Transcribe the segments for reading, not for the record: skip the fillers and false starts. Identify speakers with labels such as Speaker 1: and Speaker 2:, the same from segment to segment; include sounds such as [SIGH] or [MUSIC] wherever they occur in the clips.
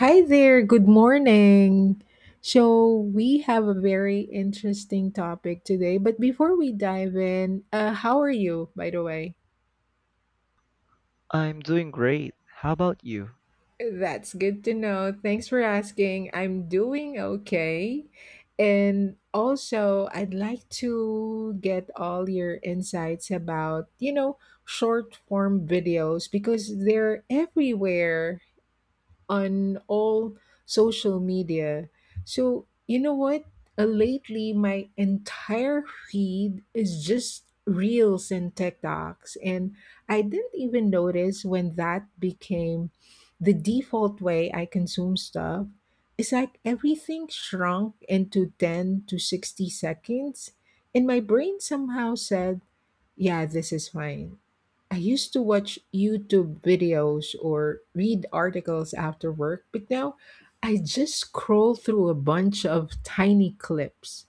Speaker 1: Hi there, good morning. So, we have a very interesting topic today, but before we dive in, how are you, by the way?
Speaker 2: I'm doing great. How about you?
Speaker 1: That's good to know. Thanks for asking. I'm doing okay. And also, I'd like to get all your insights about, short form videos because they're everywhere. On all social media. So, you know what? Lately, my entire feed is just reels and TikToks. And I didn't even notice when that became the default way I consume stuff. It's like everything shrunk into 10 to 60 seconds. And my brain somehow said, yeah, this is fine. I used to watch YouTube videos or read articles after work, but now I just scroll through a bunch of tiny clips.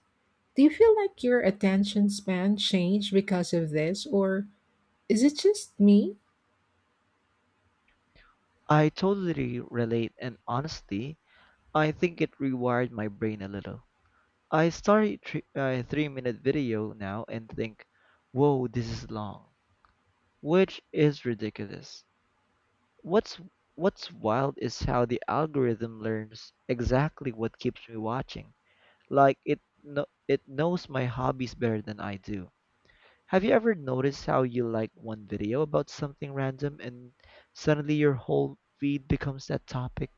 Speaker 1: Do you feel like your attention span changed because of this, or is it just me?
Speaker 2: I totally relate, and honestly, I think it rewired my brain a little. I start a 3 minute video now and think, whoa, this is long, which is ridiculous. What's What's wild is how the algorithm learns exactly what keeps me watching. Like it knows my hobbies better than I do. Have you ever noticed how you like one video about something random and suddenly your whole feed becomes that topic?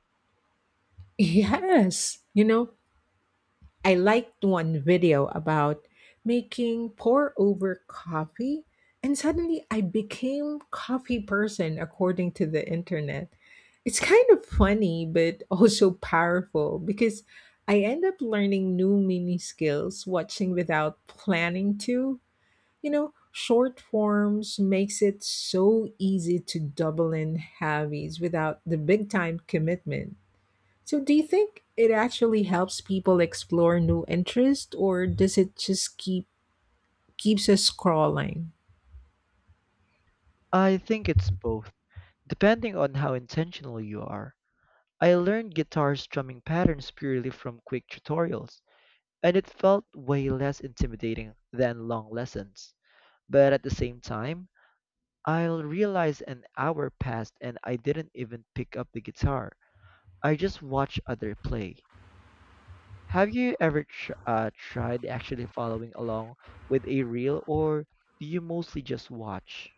Speaker 1: [LAUGHS] Yes, you know, I liked one video about making pour over coffee, and suddenly I became coffee person according to the internet. It's kind of funny but also powerful because I end up learning new mini skills watching without planning to. You know, short forms makes it so easy to double in hobbies without the big time commitment. So, do you think it actually helps people explore new interests, or does it just keep keeps us scrolling?
Speaker 2: I think it's both, depending on how intentional you are. I learned guitar strumming patterns purely from quick tutorials, and it felt way less intimidating than long lessons. But at the same time, I'll realize an hour passed and I didn't even pick up the guitar. I just watched other play. Have you ever tried actually following along with a reel, or do you mostly just watch?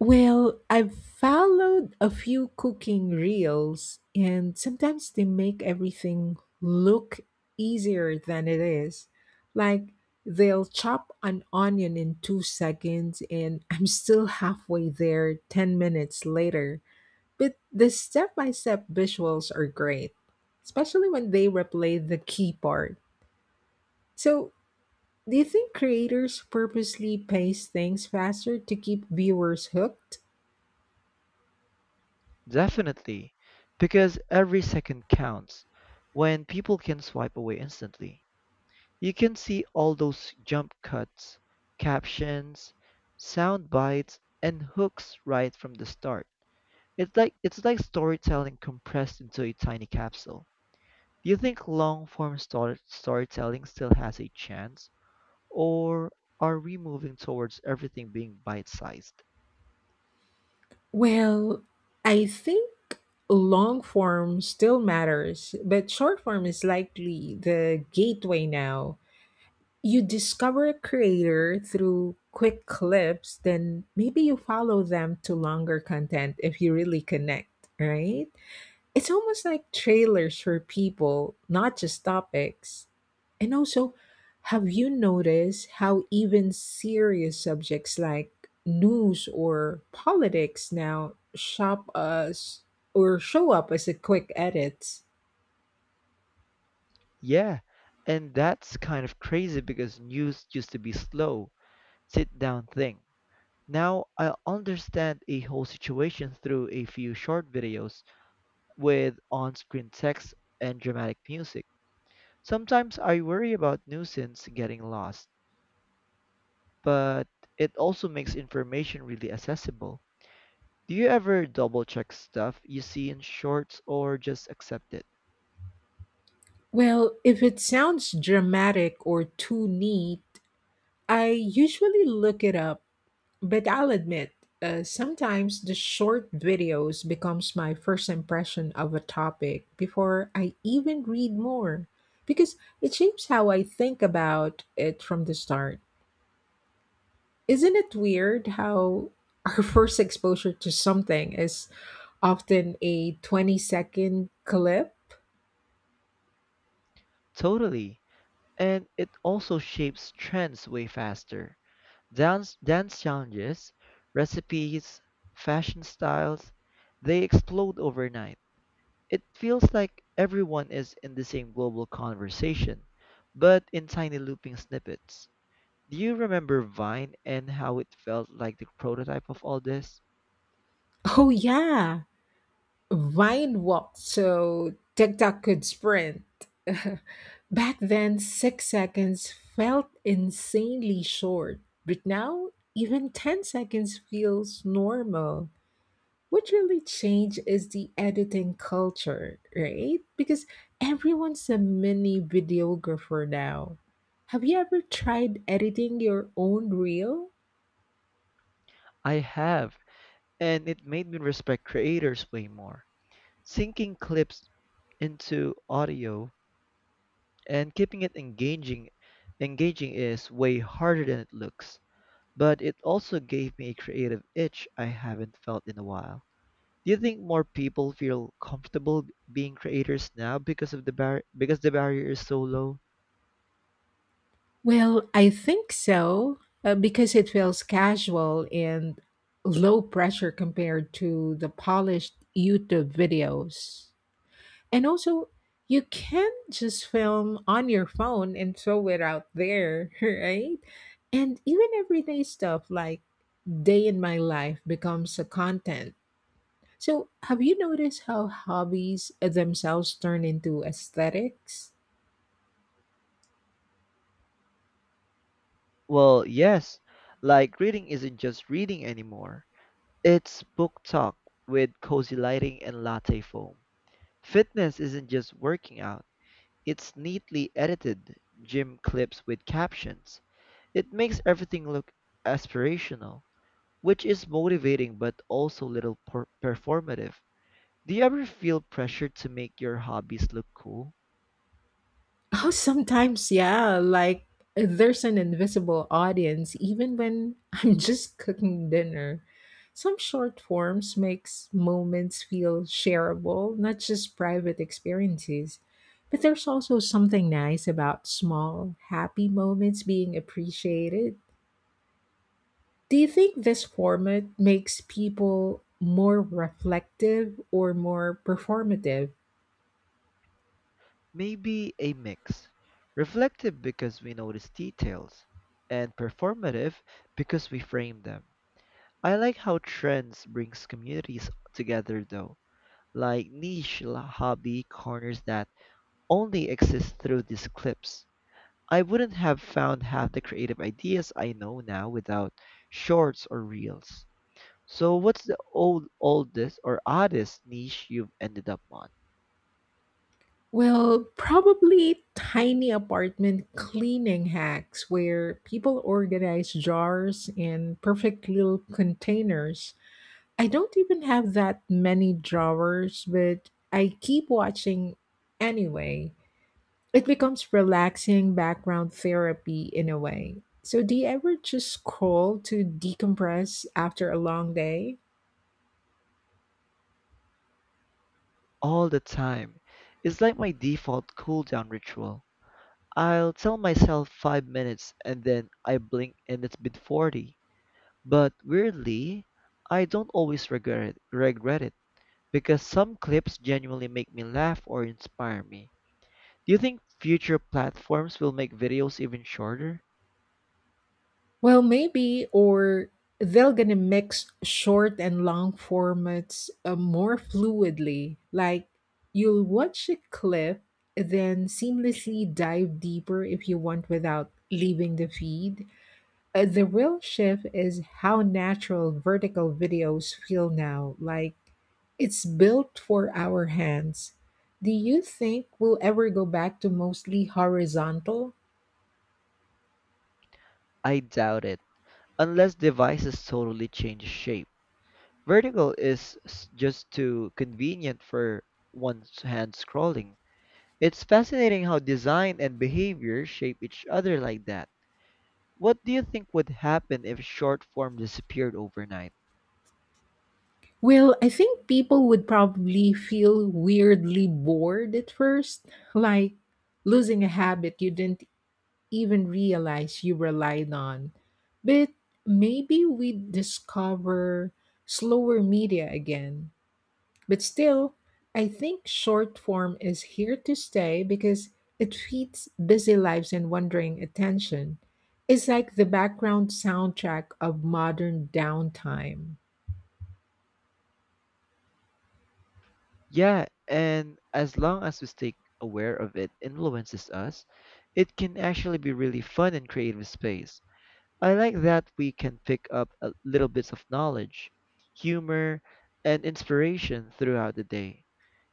Speaker 1: Well, I've followed a few cooking reels, and sometimes they make everything look easier than it is. Like they'll chop an onion in 2 seconds, and [LAUGHS] I'm still halfway there 10 minutes later. But the step by step visuals are great, especially when they replay the key part. So, do you think creators purposely pace things faster to keep viewers hooked?
Speaker 2: Definitely, because every second counts when people can swipe away instantly. You can see all those jump cuts, captions, sound bites, and hooks right from the start. It's like storytelling compressed into a tiny capsule. Do you think long form storytelling still has a chance? Or are we moving towards everything being bite sized?
Speaker 1: Well, I think long form still matters, but short form is likely the gateway now. You discover a creator through quick clips, then maybe you follow them to longer content if you really connect, right? It's almost like trailers for people, not just topics. And also, have you noticed how even serious subjects like news or politics now shop us or show up as a quick edit?
Speaker 2: Yeah, and that's kind of crazy because news used to be slow, sit down thing. Now I understand a whole situation through a few short videos with on screen text and dramatic music. Sometimes I worry about nuisance getting lost, but it also makes information really accessible. Do you ever double check stuff you see in shorts or just accept it?
Speaker 1: Well, if it sounds dramatic or too neat, I usually look it up. But I'll admit, sometimes the short videos becomes my first impression of a topic before I even read more because it shapes how I think about it from the start. Isn't it weird how our [LAUGHS] first exposure to something is often a 20-second clip? [LAUGHS]
Speaker 2: Totally. And it also shapes trends way faster. Dance, dance challenges, recipes, fashion styles, they explode overnight. It feels like everyone is in the same global conversation, but in tiny looping snippets. Do you remember Vine and how it felt like the prototype of all this?
Speaker 1: Oh yeah, Vine walked so TikTok could sprint. [LAUGHS] Back then, 6 seconds felt insanely short, but now even 10 seconds feels normal. What really changed is the editing culture, right? Because everyone's a mini videographer now. Have you ever tried editing your own reel?
Speaker 2: I have, and it made me respect creators way more. Syncing clips into audio and keeping it engaging is way harder than it looks, but it also gave me a creative itch I haven't felt in a while. Do you think more people feel comfortable being creators now because the barrier is so low?
Speaker 1: Well, I think so, because it feels casual and low pressure compared to the polished YouTube videos. And also, you can just film on your phone and throw it out there, [LAUGHS] right? And even everyday stuff like day in my life becomes a content. So, have you noticed how hobbies themselves turn into aesthetics?
Speaker 2: Well, yes. Like reading isn't just reading anymore, it's book talk with cozy lighting and latte foam. Fitness isn't just working out, it's neatly edited gym clips with captions. It makes everything look aspirational, which is motivating but also a little performative. Do you ever feel pressure to make your hobbies look cool?
Speaker 1: Oh, sometimes, yeah. Like there's an invisible audience even when [LAUGHS] I'm just cooking dinner. Some short forms makes moments feel shareable, not just private experiences. But there's also something nice about small, happy moments being appreciated. Do you think this format makes people more reflective or more performative?
Speaker 2: Maybe a mix. Reflective because we notice details, and performative because we frame them. I like how trends brings communities together though, like niche hobby corners that only exist through these clips. I wouldn't have found half the creative ideas I know now without shorts or reels. So what's the oldest or oddest niche you've ended up on?
Speaker 1: Well, probably tiny apartment cleaning hacks where people organize jars in perfect little containers. I don't even have that many drawers, but I keep watching anyway. It becomes relaxing background therapy in a way. So, do you ever just scroll to decompress after a long day?
Speaker 2: All the time. It's like my default cool down ritual. I'll tell myself 5 minutes and then I blink and it's been 40. But weirdly, I don't always regret it because some clips genuinely make me laugh or inspire me. Do you think future platforms will make videos even shorter?
Speaker 1: Well, maybe, or they're going to mix short and long formats more fluidly. Like you'll watch a clip, then seamlessly dive deeper if you want without leaving the feed. The real shift is how natural vertical videos feel now. Like it's built for our hands. Do you think we'll ever go back to mostly horizontal?
Speaker 2: I doubt it, unless devices totally change shape. Vertical is just too convenient for one's hand scrolling. It's fascinating how design and behavior shape each other like that. What do you think would happen if short form disappeared overnight?
Speaker 1: Well, I think people would probably feel weirdly bored at first, like losing a habit you didn't even realize you relied on. But maybe we discover slower media again. But still, I think short form is here to stay because it feeds busy lives and wandering attention. It's like the background soundtrack of modern downtime.
Speaker 2: Yeah, and as long as we stay aware of it influences us, it can actually be really fun and creative space. I like that we can pick up a little bits of knowledge, humor, and inspiration throughout the day.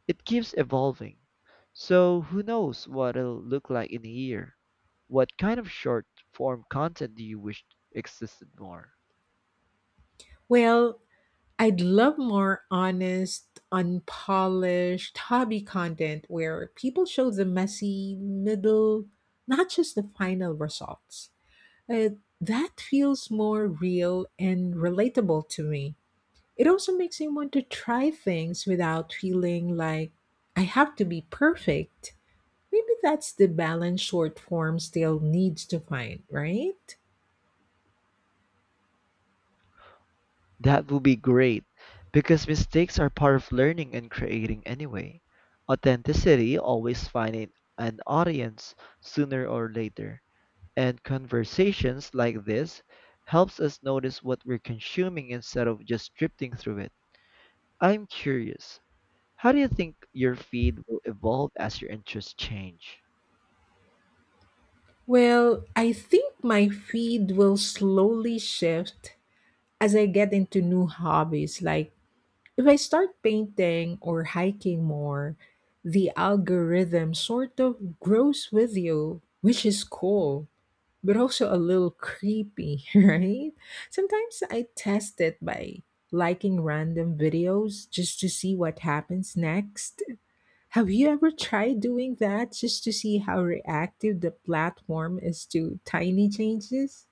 Speaker 2: It keeps evolving. So who knows what it'll look like in a year? What kind of short form content do you wish existed more?
Speaker 1: Well, I'd love more honest, unpolished hobby content where people show the messy middle, not just the final results. Uh, that feels more real and relatable to me. It also makes me want to try things without feeling like I have to be perfect. Maybe that's the balance short form still needs to find, right?
Speaker 2: That would be great because mistakes are part of learning and creating anyway. Authenticity always finds an audience sooner or later. And conversations like this helps us notice what we're consuming instead of just drifting through it. I'm curious, how do you think your feed will evolve as your interests change?
Speaker 1: Well, I think my feed will slowly shift as I get into new hobbies, like if I start painting or hiking more, the algorithm sort of grows with you, which is cool, but also a little creepy, [LAUGHS] right? Sometimes I test it by liking random videos just to see what happens next. Have you ever tried doing that just to see how reactive the platform is to tiny changes?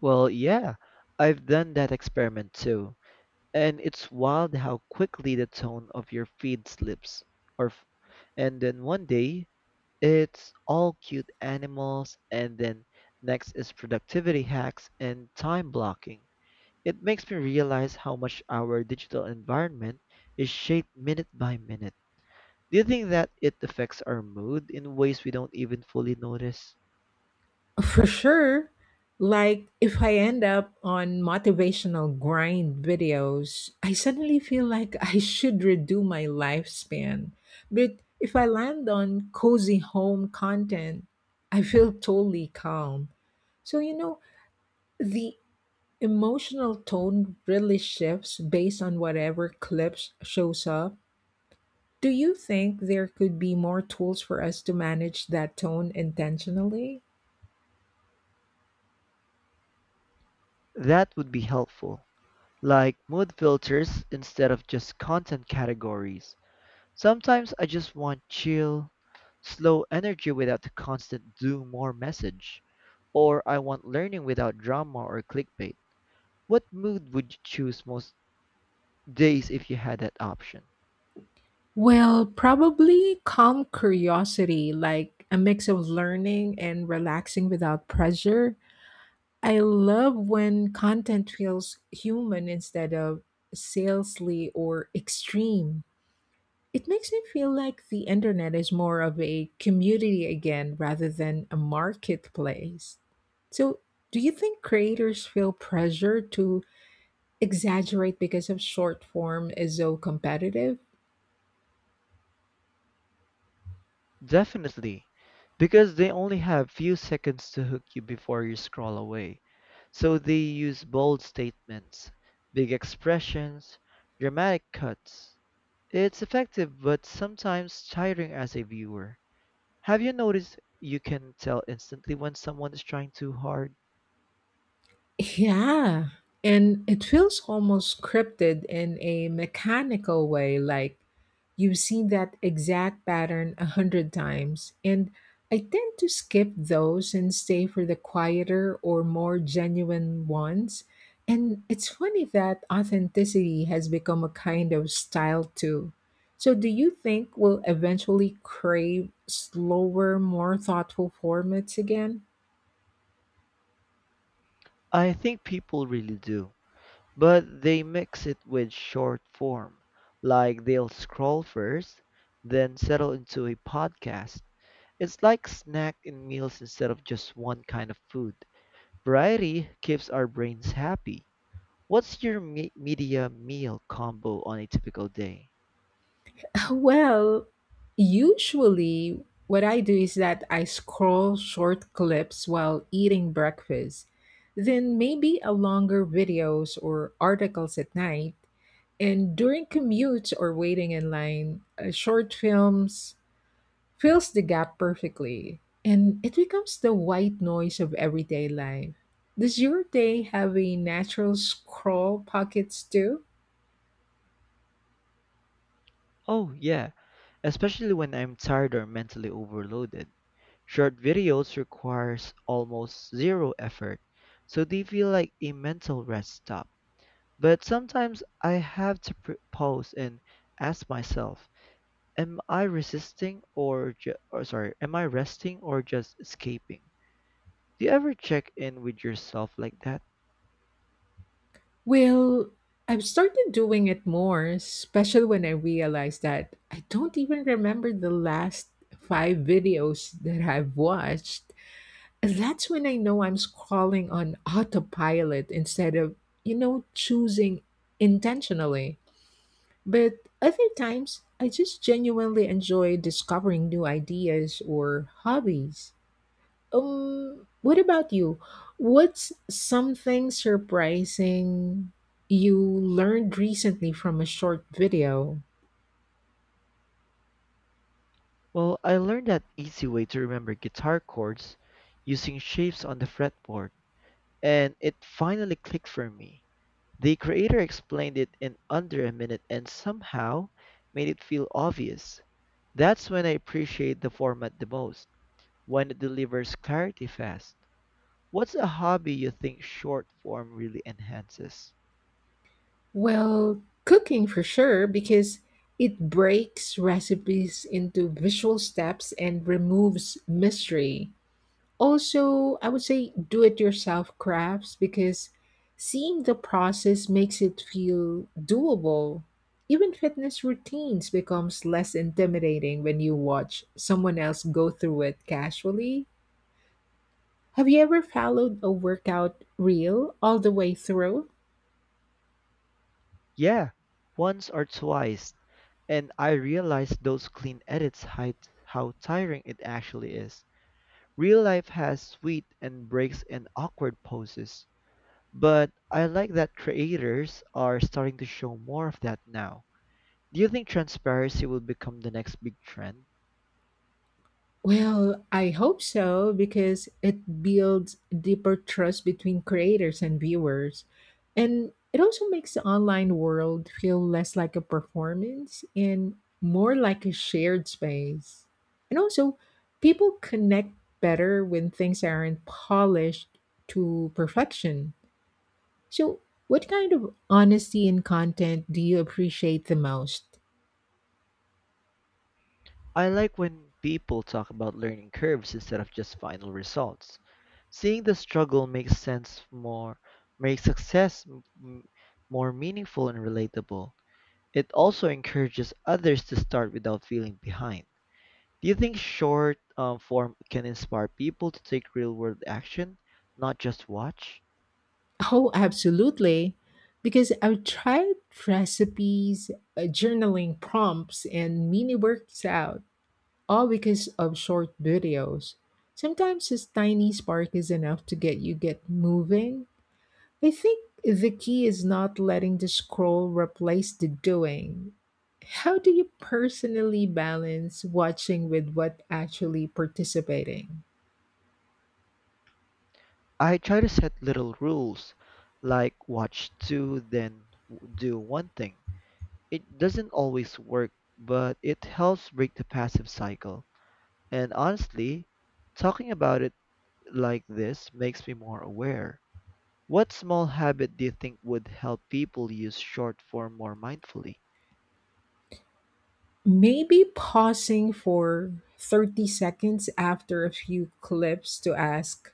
Speaker 2: Well, yeah, I've done that experiment too. And it's wild how quickly the tone of your feed slips. Or f- and then one day it's all cute animals and then next is productivity hacks and time blocking. It makes me realize how much our digital environment is shaped minute by minute. Do you think that it affects our mood in ways we don't even fully notice?
Speaker 1: For sure. Like, if I end up on motivational grind videos, I suddenly feel like [LAUGHS] I should redo my lifespan. But if I land on cozy home content, I feel totally calm. So, you know, the emotional tone really shifts based on whatever clips shows up. Do you think there could be more tools for us to manage that tone intentionally?
Speaker 2: That would be helpful. Like mood filters instead of just content categories. Sometimes I just want chill, slow energy without the constant do more message. Or I want learning without drama or clickbait. What mood would you choose most days if you had that option?
Speaker 1: Well, probably calm curiosity, like a mix of learning and relaxing without pressure. I love when content feels human instead of salesy or extreme. It makes me feel like the internet is more of a community again rather than a marketplace. So, do you think creators feel pressure to exaggerate because of short form is so competitive?
Speaker 2: Definitely, because they only have few seconds to hook you before you scroll away. So they use bold statements, big expressions, dramatic cuts. It's effective but sometimes tiring as a viewer. Have you noticed you can tell instantly when someone is trying too hard?
Speaker 1: Yeah. And it feels almost scripted in a mechanical way, like you've seen that exact pattern 100 times. And I tend to skip those and stay for the quieter or more genuine ones. And it's funny that authenticity has become a kind of style too. So, do you think we'll eventually crave slower, more thoughtful formats again?
Speaker 2: I think people really do. But they mix it with short form, like they'll scroll first, then settle into a podcast. It's like snack and meals instead of just one kind of food. Variety keeps our brains happy. What's your media meal combo on a typical day?
Speaker 1: Well, usually what I do is that I scroll short clips while eating breakfast, then maybe a longer videos or articles at night, and during commutes or waiting in line, short films fills the gap perfectly, and it becomes the white noise of everyday life. Does your day have a natural scroll pockets too?
Speaker 2: Oh, yeah, especially when I'm tired or mentally overloaded. Short videos requires almost zero effort, so they feel like a mental rest stop. But sometimes I have to pause and ask myself, am I resisting or, ju- or sorry, am I resting or just escaping? Do you ever check in with yourself like that?
Speaker 1: Well, I've started doing it more, especially when I realized that I don't even remember the last 5 videos that I've watched. And that's when I know I'm scrolling on autopilot instead of, you know, choosing intentionally. But other times, I just genuinely enjoy discovering new ideas or hobbies. What about you? What's something surprising you learned recently from a short video?
Speaker 2: Well, I learned that easy way to remember guitar chords using shapes on the fretboard, and it finally clicked for me. The creator explained it in under a minute and somehow made it feel obvious. That's when I appreciate the format the most. When it delivers clarity fast. What's a hobby you think short form really enhances?
Speaker 1: Well, cooking for sure, because it breaks recipes into visual steps and removes mystery. Also, I would say do it yourself crafts because seeing the process makes it feel doable. Even fitness routines becomes less intimidating when you watch someone else go through it casually. Have you ever followed a workout reel all the way through?
Speaker 2: Yeah, once or twice, and I realized those clean edits hide how tiring it actually is. Real life has sweet and breaks and awkward poses, but I like that creators are starting to show more of that now. Do you think transparency will become the next big trend?
Speaker 1: Well, I hope so because it builds deeper trust between creators and viewers. And it also makes the online world feel less like a performance and more like a shared space. And also, people connect better when things aren't polished to perfection. So, what kind of honesty in content do you appreciate the most?
Speaker 2: I like when people talk about learning curves instead of just final results. Seeing the struggle makes sense more, makes success more meaningful and relatable. It also encourages others to start without feeling behind. Do you think short form can inspire people to take real world action, not just watch?
Speaker 1: Oh, absolutely. Because I've tried recipes, journaling prompts, and mini workouts all because of short videos. Sometimes this tiny spark is enough to get you get moving. I think the key is not letting the scroll replace the doing. How do you personally balance watching with what actually participating?
Speaker 2: I try to set little rules, like watch two, then do one thing. It doesn't always work, but it helps break the passive cycle. And honestly, talking about it like this makes me more aware. What small habit do you think would help people use short form more mindfully?
Speaker 1: Maybe pausing for 30 seconds after a few clips to ask,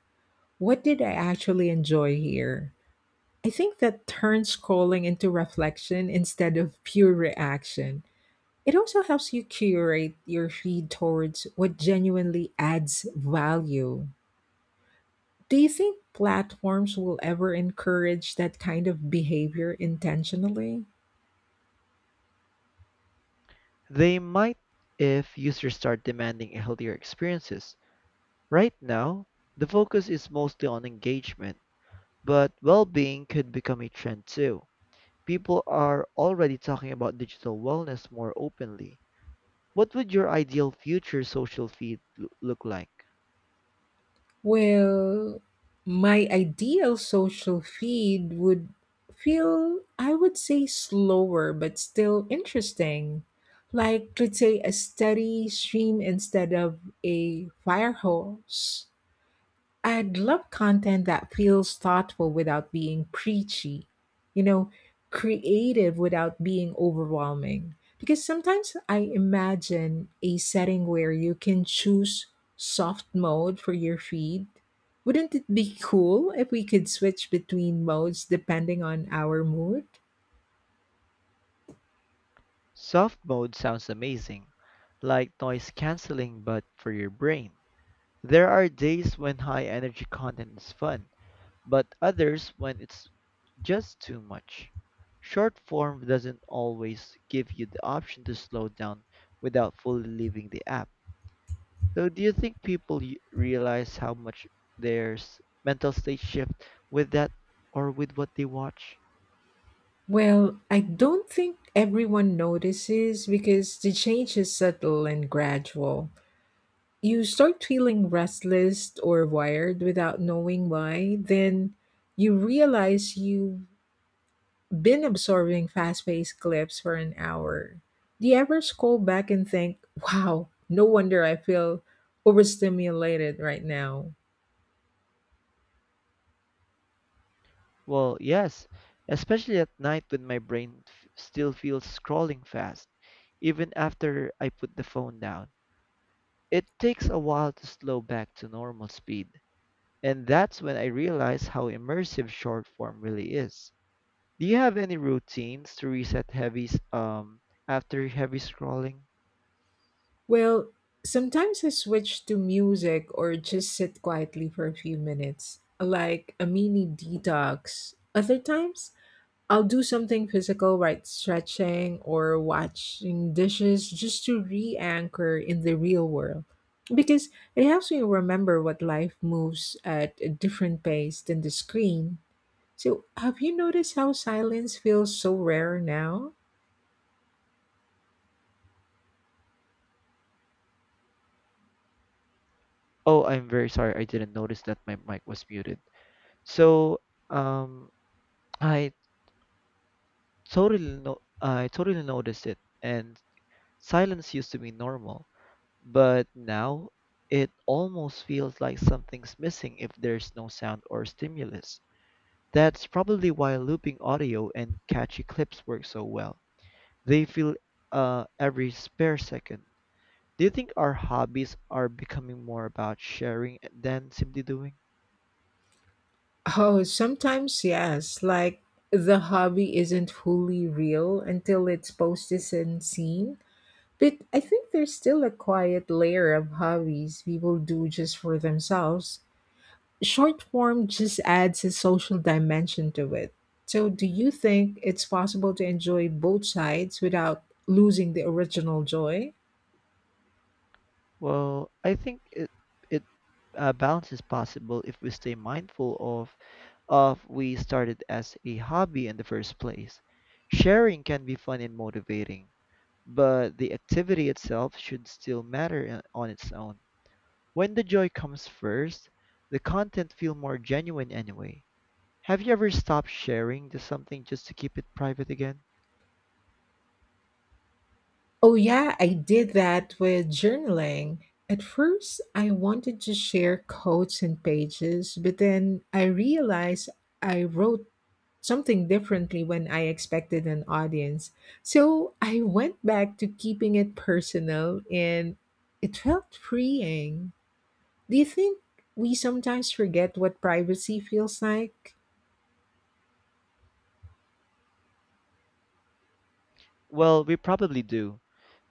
Speaker 1: what did I actually enjoy here? I think that turns scrolling into reflection instead of pure reaction. It also helps you curate your feed towards what genuinely adds value. Do you think platforms will ever encourage that kind of behavior intentionally?
Speaker 2: They might if users start demanding healthier experiences. Right now, the focus is mostly on engagement. But well-being could become a trend too. People are already talking about digital wellness more openly. What would your ideal future social feed look like?
Speaker 1: Well, my ideal social feed would feel, I would say, slower but still interesting. Like, let's say, a steady stream instead of a fire hose. I'd love content that feels thoughtful without being preachy, you know, creative without being overwhelming. Because sometimes I imagine a setting where you can choose soft mode for your feed. Wouldn't it be cool if we could switch between modes depending on our mood?
Speaker 2: Soft mode sounds amazing, like noise canceling but for your brain. There are days when high energy content is fun, but others when it's just too much. Short form doesn't always give you the option to slow down without fully leaving the app. So do you think people realize how much their mental state shift with that or with what they watch?
Speaker 1: Well, I don't think everyone notices because the change is subtle and gradual. You start feeling restless or wired without knowing why, then you realize you've been absorbing fast paced clips for an hour. Do you ever scroll back and think, wow, no wonder I feel overstimulated right now?
Speaker 2: Well, yes, especially at night when my still feels scrolling fast, even after I put the phone down. It takes a while to slow back to normal speed, and that's when I realize how immersive short form really is. Do you have any routines to reset after heavy scrolling?
Speaker 1: Well, sometimes I switch to music or just sit quietly for a few minutes, like a mini detox. Other times, I'll do something physical like stretching or washing dishes just to re anchor in the real world. Because it helps me remember what life moves at a different pace than the screen. So, have you noticed how silence feels so rare now?
Speaker 2: Oh, I'm very sorry. I didn't notice that my mic was muted. So, um, I totally no, I totally noticed it, and silence used to be normal, but now it almost feels like something's missing if there's no sound or stimulus. That's probably why looping audio and catchy clips work so well. They fill every spare second. Do you think our hobbies are becoming more about sharing than simply doing?
Speaker 1: Oh, sometimes yes. Like the hobby isn't fully real until it's posted and seen. But I think there's still a quiet layer of hobbies people do just for themselves. Short form just adds a social dimension to it. So, do you think it's possible to enjoy both sides without losing the original joy?
Speaker 2: Well, I think it it balance is possible if we stay mindful of we started as a hobby in the first place. Sharing can be fun and motivating, but the activity itself should still matter on its own. When the joy comes first, the content feel more genuine anyway. Have you ever stopped sharing just something just to keep it private again?
Speaker 1: Oh, yeah, I did that with journaling. At first, I wanted to share quotes and pages, but then I realized I wrote something differently when I expected an audience. So I went back to keeping it personal and it felt freeing. Do you think we sometimes forget what privacy feels like?
Speaker 2: Well, we probably do,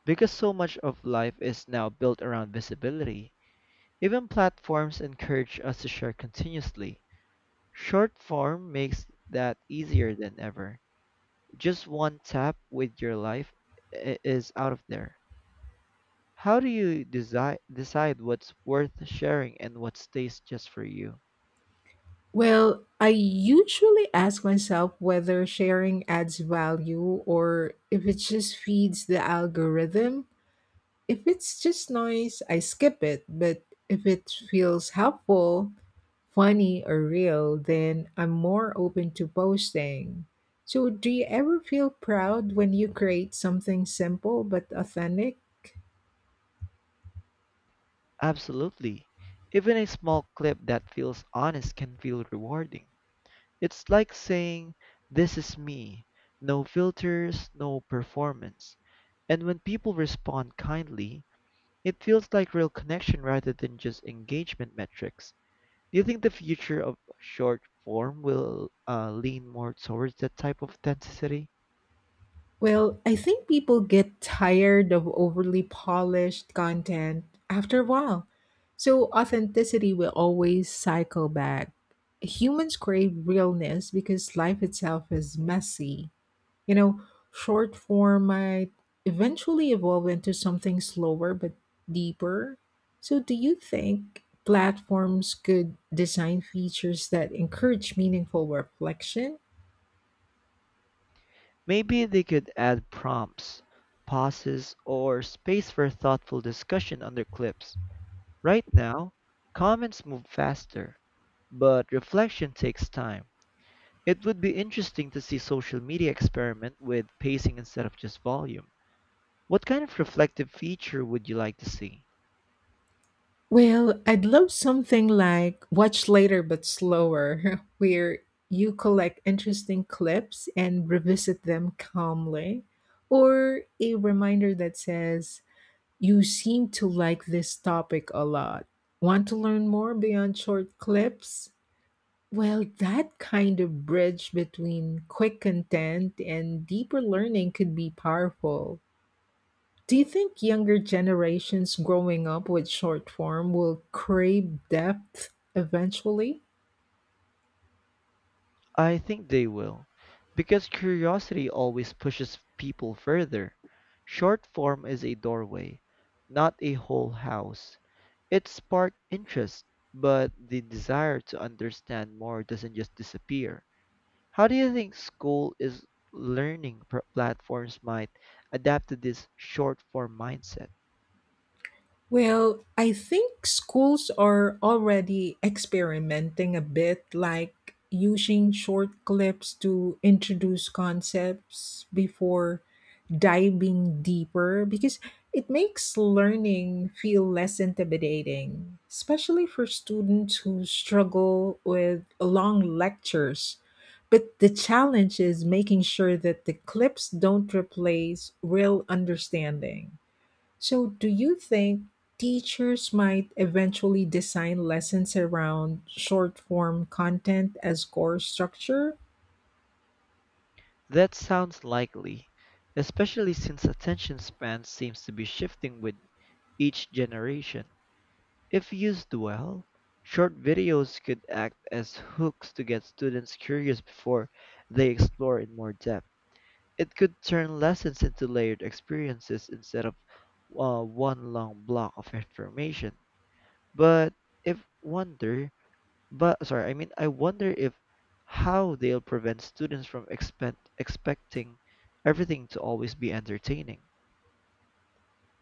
Speaker 2: because so much of life is now built around visibility. Even platforms encourage us to share continuously. Short form makes that easier than ever. Just one tap with your life is out of there. How do you decide what's worth sharing and what stays just for you?
Speaker 1: Well, I usually ask myself whether sharing adds value or if it just feeds the algorithm. If it's just noise, I skip it, but if it feels helpful, funny, or real, then I'm more open to posting. So, do you ever feel proud when you create something simple but authentic?
Speaker 2: Absolutely. Even a small clip that feels honest can feel rewarding. It's like saying, this is me. No filters, no performance. And when people respond kindly, it feels like real connection rather than just engagement metrics. Do you think the future of short form will lean more towards that type of authenticity?
Speaker 1: Well, I think people get tired of overly polished content after a while. So authenticity will always cycle back. Humans crave realness because life itself is messy. You know, short form might eventually evolve into something slower but deeper. So, do you think platforms could design features that encourage meaningful reflection?
Speaker 2: Maybe they could add prompts, pauses, or space for thoughtful discussion under clips. Right now, comments move faster, but reflection takes time. It would be interesting to see social media experiment with pacing instead of just volume. What kind of reflective feature would you like to see?
Speaker 1: Well, I'd love something like Watch Later but Slower, [LAUGHS] where you collect interesting clips and revisit them calmly, or a reminder that says, you seem to like this topic a lot. Want to learn more beyond short clips? Well, that kind of bridge between quick content and deeper learning could be powerful. Do you think younger generations growing up with short form will crave depth eventually?
Speaker 2: I think they will, because curiosity always pushes people further. Short form is a doorway, not a whole house. It sparked interest, but the desire to understand more doesn't just disappear. How do you think school is learning platforms might adapt to this short form mindset?
Speaker 1: Well, I think schools are already experimenting a bit, like using short clips to introduce concepts before diving deeper, because it makes learning feel less intimidating, especially for students who struggle with long lectures. But the challenge is making sure that the clips don't replace real understanding. So, do you think teachers might eventually design lessons around short form content as core structure?
Speaker 2: That sounds likely, especially since attention span seems to be shifting with each generation. If used well, short videos could act as hooks to get students curious before they explore in more depth. It could turn lessons into layered experiences instead of one long block of information. But if wonder But sorry, I mean, I wonder if how they'll prevent students from expecting everything to always be entertaining.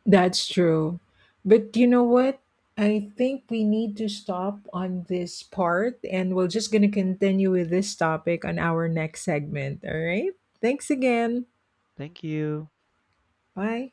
Speaker 1: That's true. But you know what? I think we need to stop on this part and we're just going to continue with this topic on our next segment. All right. Thanks again.
Speaker 2: Thank you.
Speaker 1: Bye.